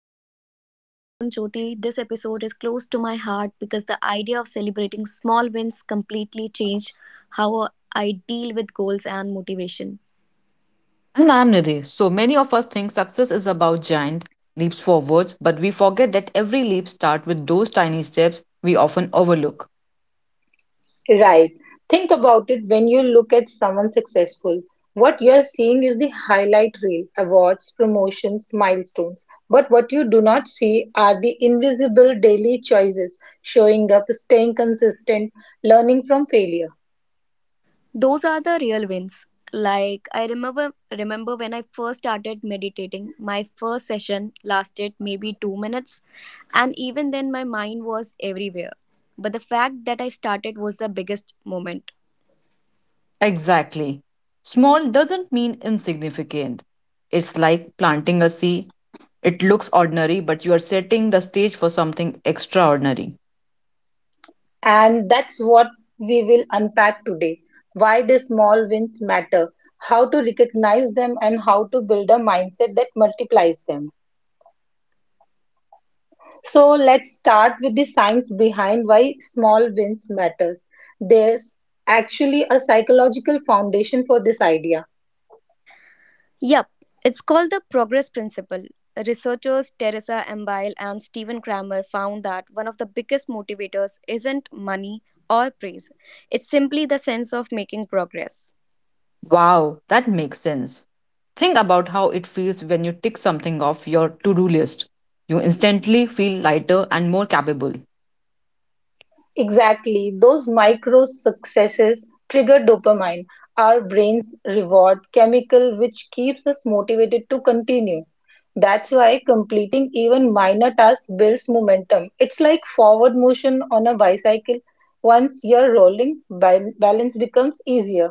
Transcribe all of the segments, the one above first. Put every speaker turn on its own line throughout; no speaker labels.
Hi everyone, I am Jyoti. This episode is close to my heart because the idea of celebrating small wins completely changed how I deal with goals and motivation.
And I'm Nidhi. So many of us think success is about giant leaps forwards, but we forget that every leap starts with those tiny steps we often overlook.
Right. Think about it when you look at someone successful. What you're seeing is the highlight reel, awards, promotions, milestones. But what you do not see are the invisible daily choices, showing up, staying consistent, learning from failure.
Those are the real wins. Like I remember when I first started meditating, my first session lasted maybe 2 minutes and even then my mind was everywhere. But the fact that I started was the biggest moment.
Exactly. Small doesn't mean insignificant. It's like planting a seed. It looks ordinary, but you are setting the stage for something extraordinary.
And that's what we will unpack today, why the small wins matter, how to recognize them, and how to build a mindset that multiplies them. So, let's start with the science behind why small wins matters. There's actually a psychological foundation for this idea.
Yup, it's called the progress principle. Researchers Teresa Embile and Stephen Kramer found that one of the biggest motivators isn't money or praise, it's simply the sense of making progress.
Wow, that makes sense. Think about how it feels when you tick something off your to do list. You instantly feel lighter and more capable.
Exactly. Those micro successes trigger dopamine, our brain's reward chemical, which keeps us motivated to continue. That's why completing even minor tasks builds momentum. It's like forward motion on a bicycle. Once you're rolling, balance becomes easier.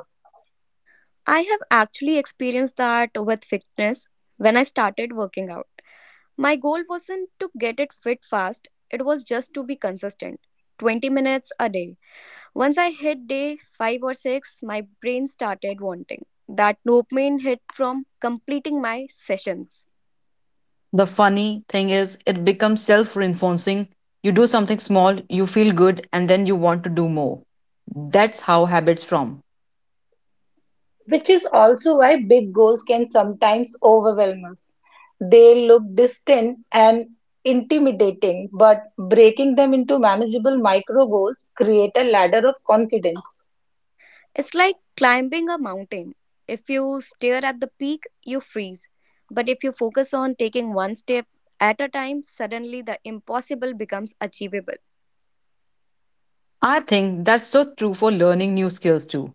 I have actually experienced that with fitness when I started working out. My goal wasn't to get it fit fast, it was just to be consistent 20 minutes a day. Once I hit day five or six, my brain started wanting that dopamine hit from completing my sessions.
The funny thing is, it becomes self reinforcing. You do something small, you feel good, and then you want to do more. That's how habits form.
Which is also why big goals can sometimes overwhelm us. They look distant and intimidating, but breaking them into manageable micro goals create a ladder of confidence.
It's like climbing a mountain. If you stare at the peak, you freeze. But if you focus on taking one step at a time, suddenly the impossible becomes achievable.
I think that's so true for learning new skills too.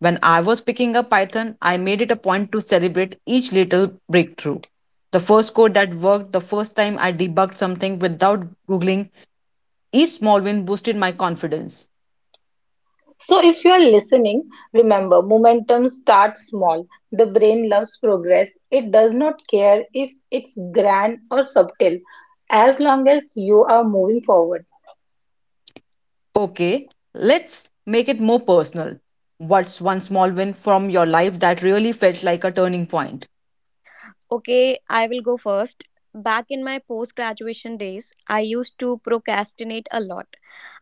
When I was picking up Python, I made it a point to celebrate each little breakthrough. The first code that worked, the first time I debugged something without Googling, each small win boosted my confidence.
So if you are listening, remember momentum starts small. The brain loves progress. It does not care if it's grand or subtle as long as you are moving forward.
Okay, let's make it more personal. What's one small win from your life that really felt like a turning point?
Okay, I will go first. Back in my post graduation days, I used to procrastinate a lot.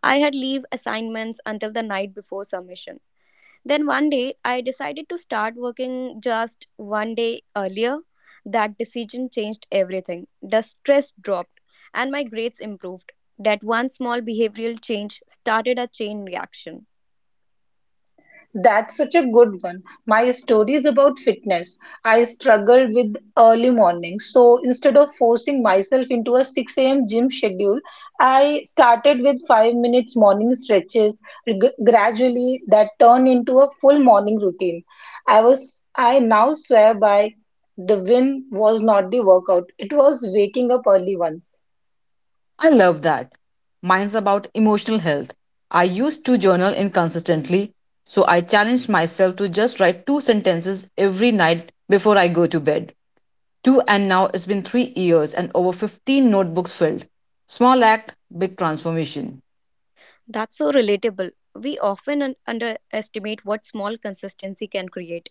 I had leave assignments until the night before submission. Then one day, I decided to start working just one day earlier. That decision changed everything. The stress dropped and my grades improved. That one small behavioral change started a chain reaction.
That's such a good one. My story is about fitness. I struggled with early mornings. So instead of forcing myself into a 6 a.m. gym schedule, I started with 5 minutes morning stretches. Gradually, that turned into a full morning routine. I now swear by the win was not the workout. It was waking up early once.
I love that. Mine's about emotional health. I used to journal inconsistently, so I challenged myself to just write two sentences every night before I go to bed. Two and now it's been 3 years and over 15 notebooks filled. Small act, big transformation.
That's so relatable. We often underestimate what small consistency can create.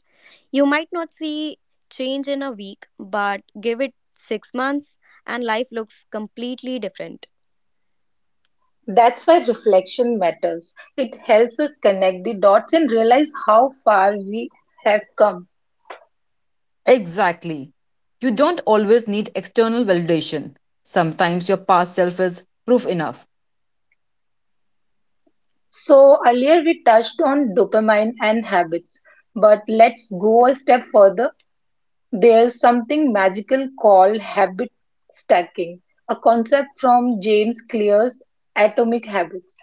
You might not see change in a week, but give it six months and life looks completely different.
That's why reflection matters. It helps us connect the dots and realize how far we have come.
Exactly. You don't always need external validation. Sometimes your past self is proof enough.
So earlier we touched on dopamine and habits, but let's go a step further. There's something magical called habit stacking, a concept from James Clear's Atomic Habits.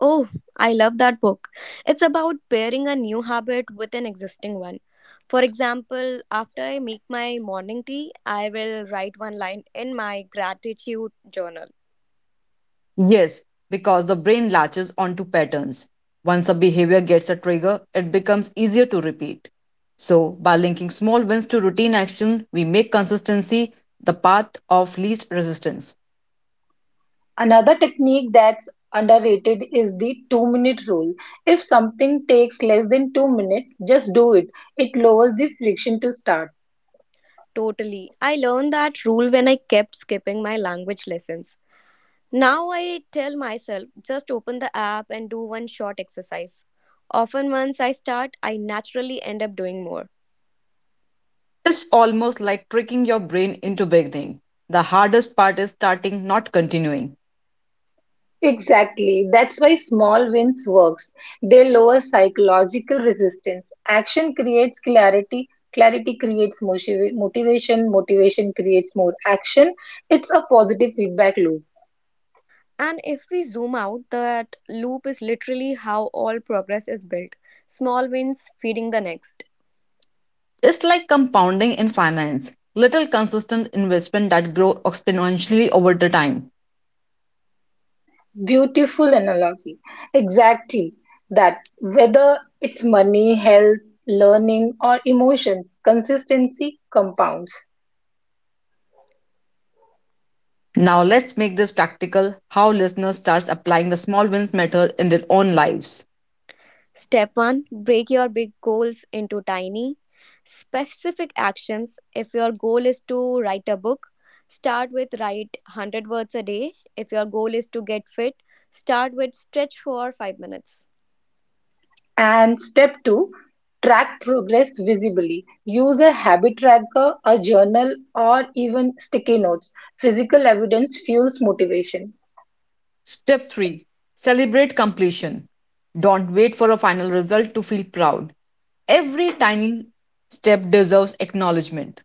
Oh, I love that book. It's about pairing a new habit with an existing one. For example, after I make my morning tea, I will write one line in my gratitude journal.
Yes, because the brain latches onto patterns. Once a behavior gets a trigger, it becomes easier to repeat. So, by linking small wins to routine action, we make consistency the path of least resistance.
Another technique that's underrated is the 2-minute rule. If something takes less than 2 minutes, just do it. It lowers the friction to start.
Totally. I learned that rule when I kept skipping my language lessons. Now I tell myself just open the app and do one short exercise. Often, once I start, I naturally end up doing more.
It's almost like tricking your brain into beginning. The hardest part is starting, not continuing.
Exactly. That's why small wins works. They lower psychological resistance. Action creates clarity. Clarity creates motivation. Motivation creates more action. It's a positive feedback loop.
And if we zoom out, that loop is literally how all progress is built small wins feeding the next.
It's like compounding in finance, little consistent investment that grow exponentially over the time.
Beautiful analogy. Exactly. That whether it's money, health, learning, or emotions, consistency compounds.
Now let's make this practical how listeners starts applying the small wins method in their own lives.
Step one, break your big goals into tiny, specific actions. If your goal is to write a book, start with write 100 words a day. If your goal is to get fit, start with stretch for 5 minutes.
And step two, track progress visibly. Use a habit tracker, a journal, or even sticky notes. Physical evidence fuels motivation.
Step 3. Celebrate completion. Don't wait for a final result to feel proud. Every tiny step deserves acknowledgement.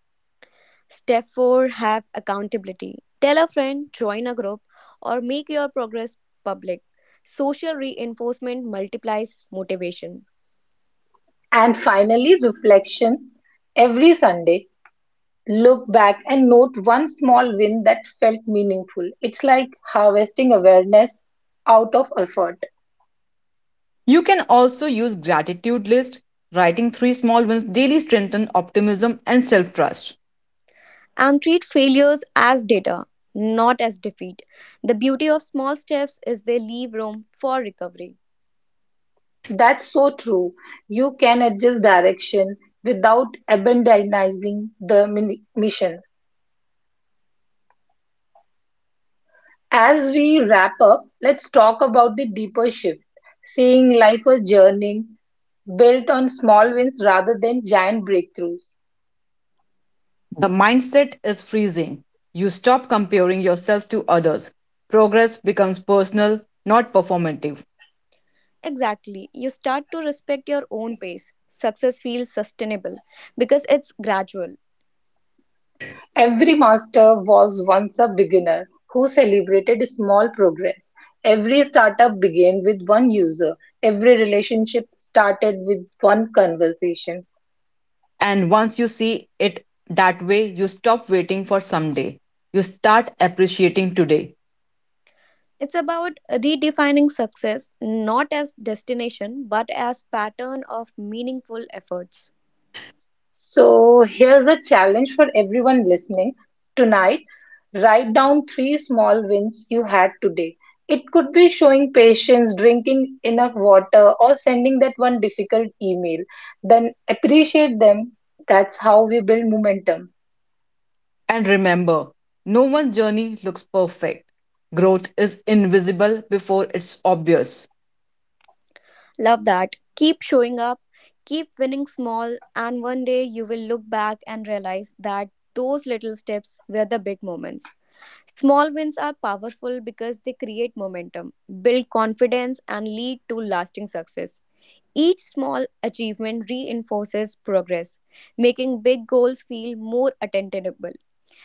Step 4, have accountability. Tell a friend, join a group, or make your progress public. Social reinforcement multiplies motivation.
And finally, reflection. Every Sunday, look back and note one small win that felt meaningful. It's like harvesting awareness out of effort.
You can also use gratitude list. Writing 3 small wins daily strengthens optimism and self-trust.
And treat failures as data, not as defeat. The beauty of small steps is they leave room for recovery.
That's so true. You can adjust direction without abandoning the mission. As we wrap up, let's talk about the deeper shift, seeing life as journey built on small wins rather than giant breakthroughs.
The mindset is freezing. You stop comparing yourself to others. Progress becomes personal, not performative.
Exactly. You start to respect your own pace. Success feels sustainable because it's gradual.
Every master was once a beginner who celebrated small progress. Every startup began with one user. Every relationship started with one conversation.
And once you see it that way, you stop waiting for someday. You start appreciating today.
It's about redefining success not as destination but as pattern of meaningful efforts.
So, here's a challenge for everyone listening. Tonight, write down three small wins you had today. It could be showing patience, drinking enough water, or sending that one difficult email. Then appreciate them. That's how we build momentum.
And remember, no one's journey looks perfect. Growth is invisible before it's obvious.
Love that. Keep showing up, keep winning small, and one day you will look back and realize that those little steps were the big moments. Small wins are powerful because they create momentum, build confidence, and lead to lasting success. Each small achievement reinforces progress, making big goals feel more attainable.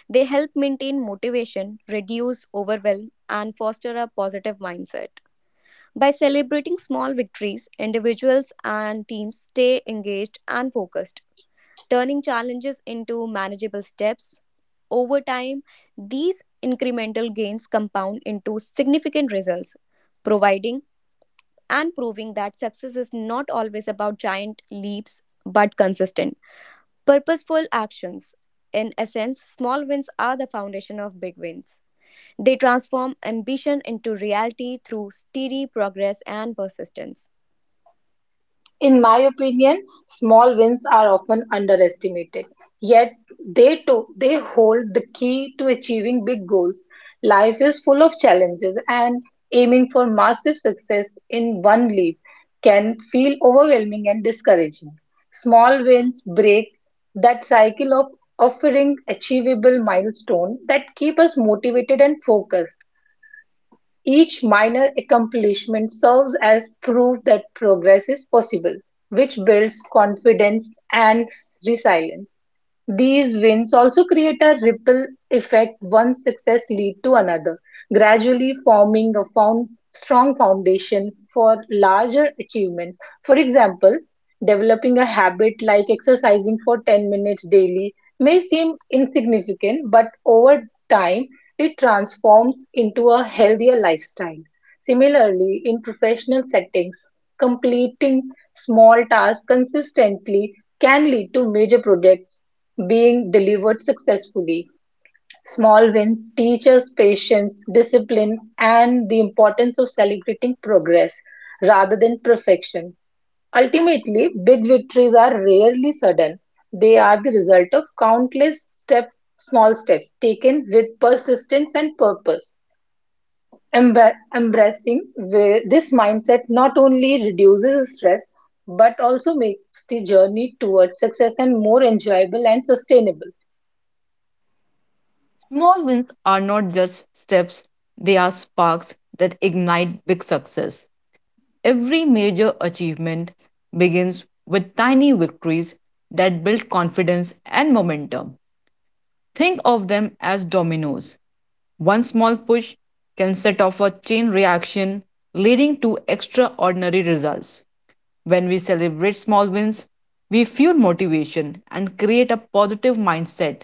They help maintain motivation, reduce overwhelm, and foster a positive mindset. By celebrating small victories, individuals and teams stay engaged and focused, turning challenges into manageable steps. Over time, these incremental gains compound into significant results, providing and proving that success is not always about giant leaps but consistent, purposeful actions. In essence, small wins are the foundation of big wins. They transform ambition into reality through steady progress and persistence.
In my opinion, small wins are often underestimated. Yet they hold the key to achieving big goals. Life is full of challenges and aiming for massive success in one leap can feel overwhelming and discouraging. Small wins break that cycle of offering achievable milestones that keep us motivated and focused. Each minor accomplishment serves as proof that progress is possible, which builds confidence and resilience. These wins also create a ripple effect, one success lead to another, gradually forming a strong foundation for larger achievements. For example, developing a habit like exercising for 10 minutes daily may seem insignificant, but over time it transforms into a healthier lifestyle. Similarly, in professional settings, completing small tasks consistently can lead to major projects being delivered successfully. Small wins teach us patience, discipline, and the importance of celebrating progress rather than perfection. Ultimately, big victories are rarely sudden. They are the result of small steps taken with persistence and purpose. Embracing this mindset not only reduces stress but also makes the journey towards success and more enjoyable and sustainable.
Small wins are not just steps, they are sparks that ignite big success. Every major achievement begins with tiny victories that build confidence and momentum. Think of them as dominoes. One small push can set off a chain reaction leading to extraordinary results. When we celebrate small wins, we fuel motivation and create a positive mindset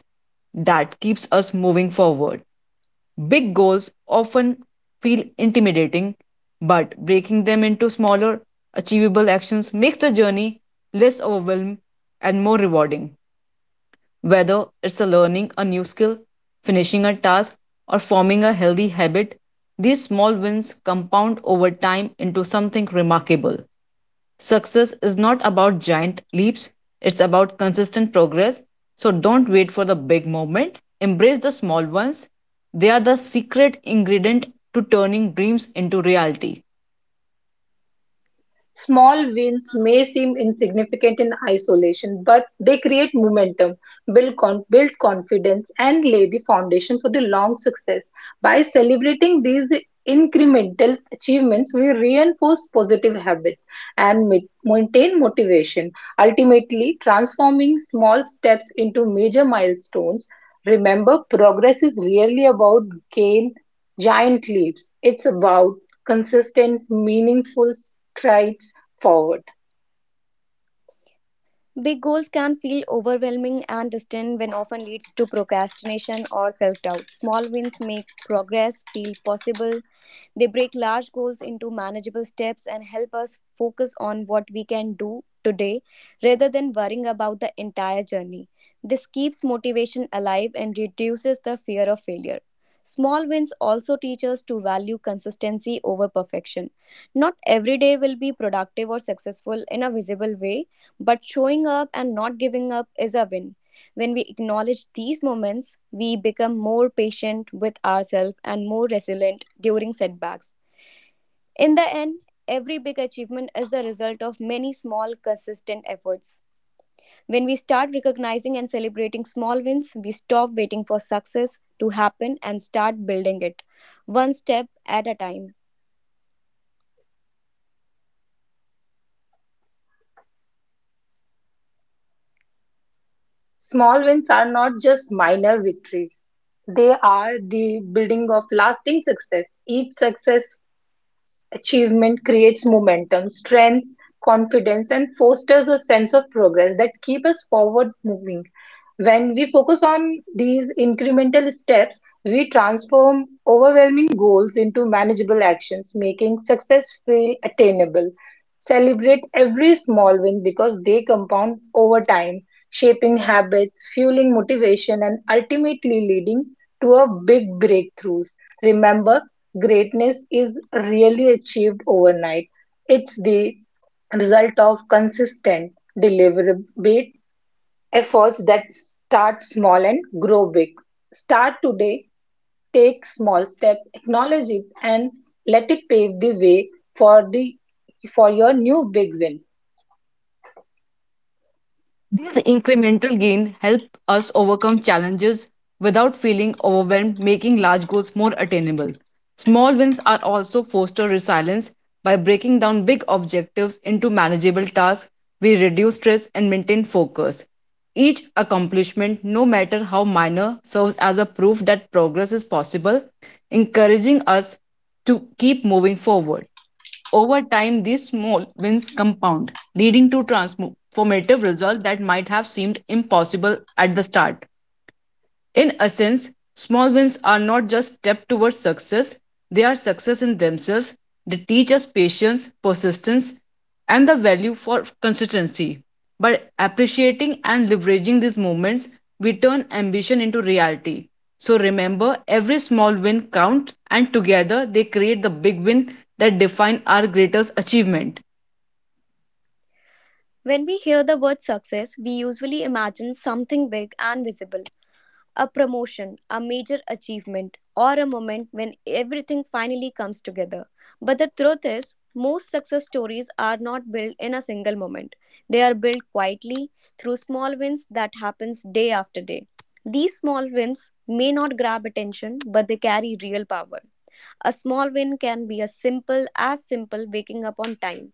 that keeps us moving forward. Big goals often feel intimidating, but breaking them into smaller, achievable actions makes the journey less overwhelming and more rewarding. Whether it's a learning a new skill, finishing a task, or forming a healthy habit, these small wins compound over time into something remarkable. Success is not about giant leaps, it's about consistent progress. So don't wait for the big moment, embrace the small ones. They are the secret ingredient to turning dreams into reality.
Small wins may seem insignificant in isolation, but they create momentum, build confidence, and lay the foundation for the long success. By celebrating these incremental achievements, we reinforce positive habits and maintain motivation, ultimately transforming small steps into major milestones. Remember, progress is really about gain giant leaps. It's about consistent, meaningful strides forward.
Big goals can feel overwhelming and distant when often leads to procrastination or self-doubt. Small wins make progress feel possible. They break large goals into manageable steps and help us focus on what we can do today rather than worrying about the entire journey. This keeps motivation alive and reduces the fear of failure. Small wins also teach us to value consistency over perfection. Not every day will be productive or successful in a visible way, but showing up and not giving up is a win. When we acknowledge these moments, we become more patient with ourselves and more resilient during setbacks. In the end, every big achievement is the result of many small, consistent efforts. When we start recognizing and celebrating small wins, we stop waiting for success to happen and start building it, one step at a time.
Small wins are not just minor victories, they are the building of lasting success. Each success Achievement creates momentum, strengthens confidence, and fosters a sense of progress that keep us forward moving. When we focus on these incremental steps, we transform overwhelming goals into manageable actions, making success feel attainable. Celebrate every small win because they compound over time, shaping habits, fueling motivation, and ultimately leading to a big breakthroughs. Remember, greatness is really achieved overnight. It's the result of consistent, deliberate efforts that start small and grow big. Start today, take small steps, acknowledge it, and let it pave the way for the for your new big win.
These incremental gains help us overcome challenges without feeling overwhelmed, making large goals more attainable. Small wins are also foster resilience by breaking down big objectives into manageable tasks. We reduce stress and maintain focus. Each accomplishment, no matter how minor, serves as a proof that progress is possible, encouraging us to keep moving forward. Over time, these small wins compound, leading to transformative results that might have seemed impossible at the start. In essence, small wins are not just steps towards success, they are success in themselves. They teach us patience, persistence, and the value for consistency. By appreciating and leveraging these moments, we turn ambition into reality. So remember, every small win counts, and together they create the big win that define our greatest achievement.
When we hear the word success, we usually imagine something big and visible: a promotion, a major achievement, or a moment when everything finally comes together. But the truth is, most success stories are not built in a single moment. They are built quietly through small wins that happens day after day. These small wins may not grab attention, but they carry real power. A small win can be as simple waking up on time,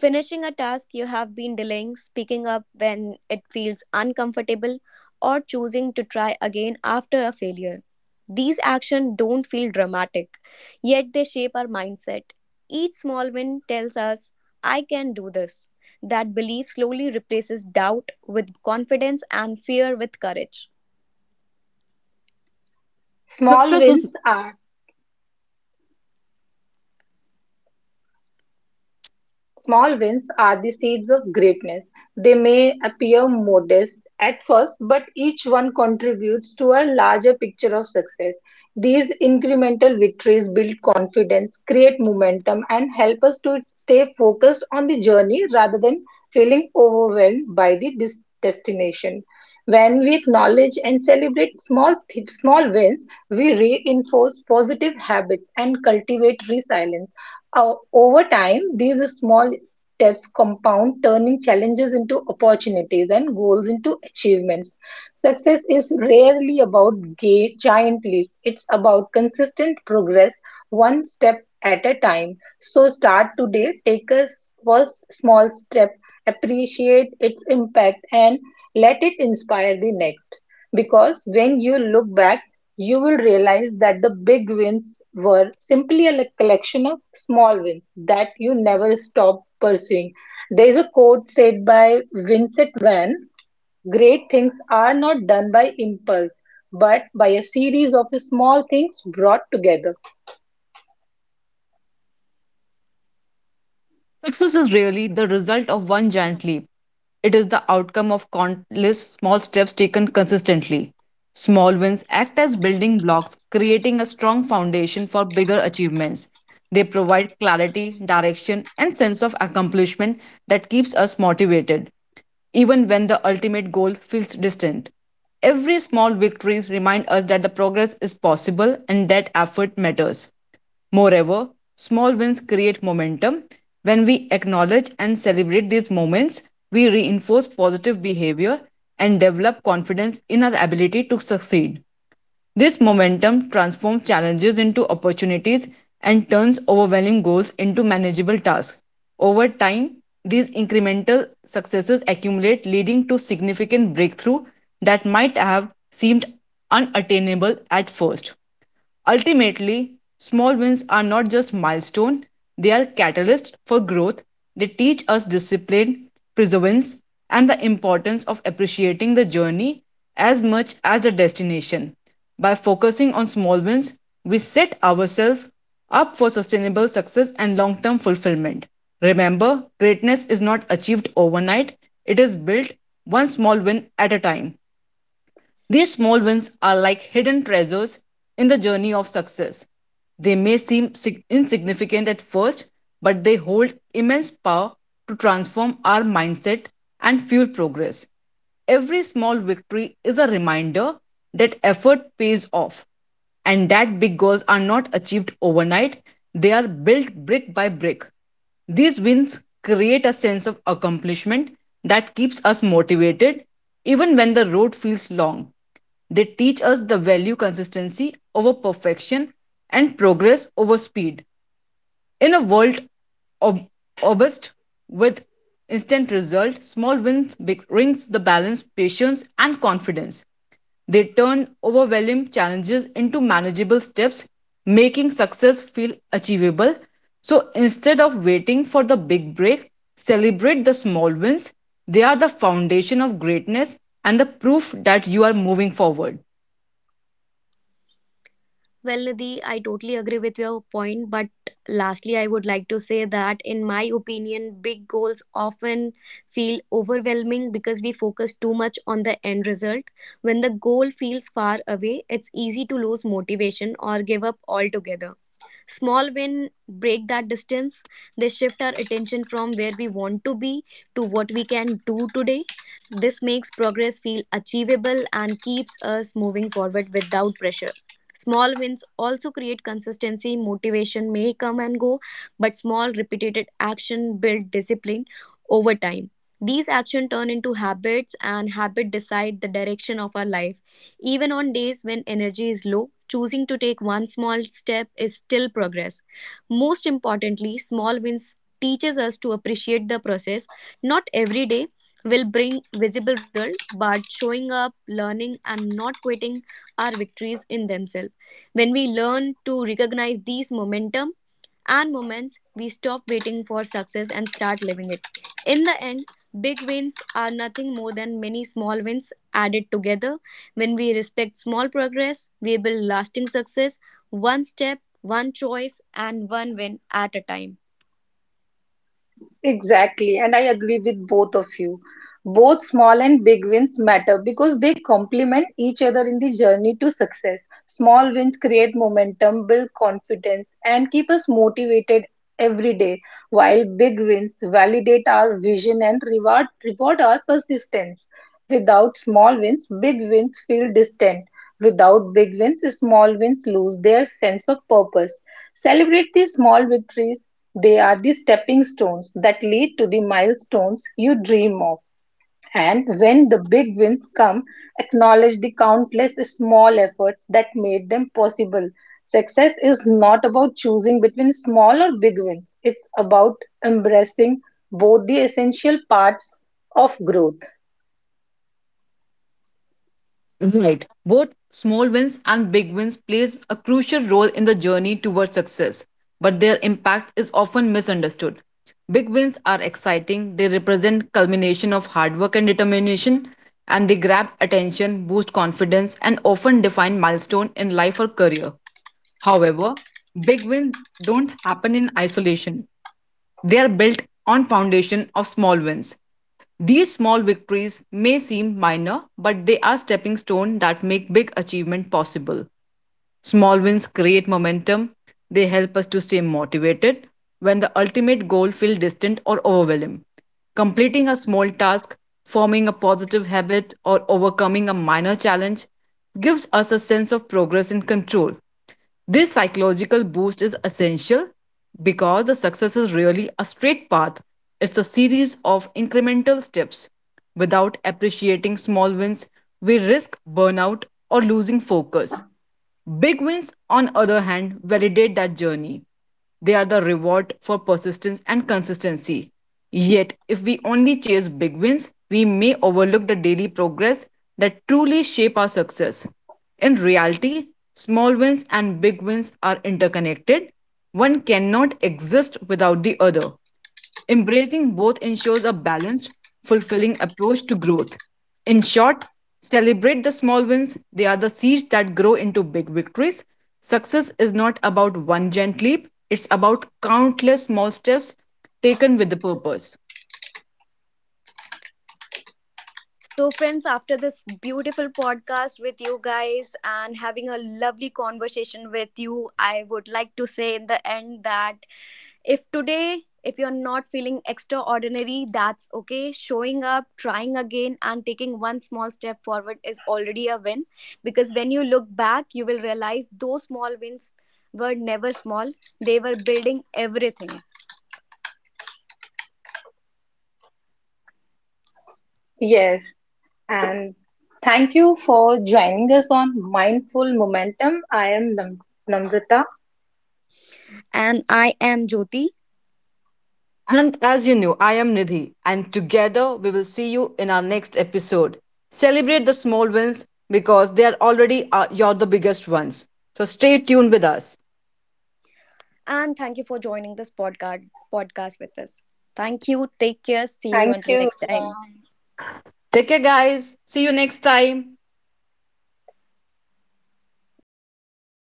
finishing a task you have been delaying, speaking up when it feels uncomfortable, or choosing to try again after a failure. These actions don't feel dramatic, yet they shape our mindset. Each small win tells us, I can do this. That belief slowly replaces doubt with confidence and fear with courage.
Small
Success is
wins are Small wins are the seeds of greatness. They may appear modest at first, but each one contributes to a larger picture of success. These incremental victories build confidence, create momentum, and help us to stay focused on the journey rather than feeling overwhelmed by the destination. When we acknowledge and celebrate small wins, we reinforce positive habits and cultivate resilience. Over time, these small steps compound, turning challenges into opportunities and goals into achievements. Success is rarely about giant leaps, it's about consistent progress, one step at a time. So, start today, first small step, appreciate its impact, and let it inspire the next. Because when you look back, you will realize that the big wins were simply a collection of small wins that you never stop pursuing. There is a quote said by Vincent Van: great things are not done by impulse, but by a series of small things brought together.
Success is really the result of one giant leap. It is the outcome of countless small steps taken consistently. Small wins act as building blocks, creating a strong foundation for bigger achievements. They provide clarity, direction, and sense of accomplishment that keeps us motivated, even when the ultimate goal feels distant. Every small victory reminds us that the progress is possible and that effort matters. Moreover, small wins create momentum. When we acknowledge and celebrate these moments, we reinforce positive behavior and develop confidence in our ability to succeed. This momentum transforms challenges into opportunities and turns overwhelming goals into manageable tasks. Over time, these incremental successes accumulate, leading to significant breakthrough that might have seemed unattainable at first. Ultimately, small wins are not just milestones; they are catalysts for growth. They teach us discipline, perseverance, and the importance of appreciating the journey as much as the destination. By focusing on small wins, we set ourselves up for sustainable success and long term fulfillment. Remember, greatness is not achieved overnight, it is built one small win at a time. These small wins are like hidden treasures in the journey of success. They may seem insignificant at first, but they hold immense power to transform our mindset and fuel progress. Every small victory is a reminder that effort pays off and that big goals are not achieved overnight, they are built brick by brick. These wins create a sense of accomplishment that keeps us motivated even when the road feels long. They teach us the value consistency over perfection and progress over speed. In a world ob- obsessed with instant result, small wins brings the balance, patience, and confidence. They turn overwhelming challenges into manageable steps, making success feel achievable. So instead of waiting for the big break, celebrate the small wins. They are the foundation of greatness and the proof that you are moving forward.
Well, Nidhi, I totally agree with your point, but lastly, I would like to say that, in my opinion, big goals often feel overwhelming because we focus too much on the end result. When the goal feels far away, it's easy to lose motivation or give up altogether. Small wins break that distance. They shift our attention from where we want to be to what we can do today. This makes progress feel achievable and keeps us moving forward without pressure. Small wins also create consistency. Motivation may come and go, but small repeated action build discipline over time. These actions turn into habits, and habits decide the direction of our life. Even on days when energy is low, choosing to take one small step is still progress. Most importantly, small wins teaches us to appreciate the process. Not every day will bring visible result, but showing up, learning and not quitting are victories in themselves. When we learn to recognize these momentum and moments we stop waiting for success and start living it. In the end, big wins are nothing more than many small wins added together. When we respect small progress, we build lasting success, one step, one choice, and one win at a time.
Exactly, and I agree with both of you. Both small and big wins matter because they complement each other in the journey to success. Small wins create momentum, build confidence, and keep us motivated every day, while big wins validate our vision and reward our persistence. Without small wins, big wins feel distant. Without big wins, small wins lose their sense of purpose. Celebrate the small victories. They are the stepping stones that lead to the milestones you dream of. And when the big wins come, acknowledge the countless small efforts that made them possible. Success is not about choosing between small or big wins, it's about embracing both the essential parts of growth.
Right. Both small wins and big wins plays a crucial role in the journey towards success, but their impact is often misunderstood. Big wins are exciting, they represent culmination of hard work and determination, and they grab attention, boost confidence, and often define milestone in life or career. However, big wins don't happen in isolation. They are built on foundation of small wins. These small victories may seem minor, but they are stepping stones that make big achievement possible. Small wins create momentum, they help us to stay motivated when the ultimate goal feels distant or overwhelming. Completing a small task, forming a positive habit, or overcoming a minor challenge gives us a sense of progress and control. This psychological boost is essential because the success is really a straight path. It's a series of incremental steps. Without appreciating small wins, we risk burnout or losing focus. Big wins, on the other hand, validate that journey. They are the reward for persistence and consistency. Yet, if we only chase big wins, we may overlook the daily progress that truly shape our success. In reality, small wins and big wins are interconnected. One cannot exist without the other. Embracing both ensures a balanced, fulfilling approach to growth. In short, celebrate the small wins, they are the seeds that grow into big victories. Success is not about one giant leap, it's about countless small steps taken with the purpose.
So, friends, after this beautiful podcast with you guys and having a lovely conversation with you, I would like to say in the end that if today, if you're not feeling extraordinary, that's okay. Showing up, trying again, and taking one small step forward is already a win. Because when you look back, you will realize those small wins were never small, they were building everything.
Yes, and thank you for joining us on Mindful Momentum. I am Namrata.
And I am Jyoti.
And as you know, I am Nidhi, and together we will see you in our next episode. Celebrate the small wins because they are already you're the biggest ones. So stay tuned with us.
And thank you for joining this podcast with us. Thank you. Take care. See you
Thank
until
you.
next time.
Ram.
Take care, guys. See you next time.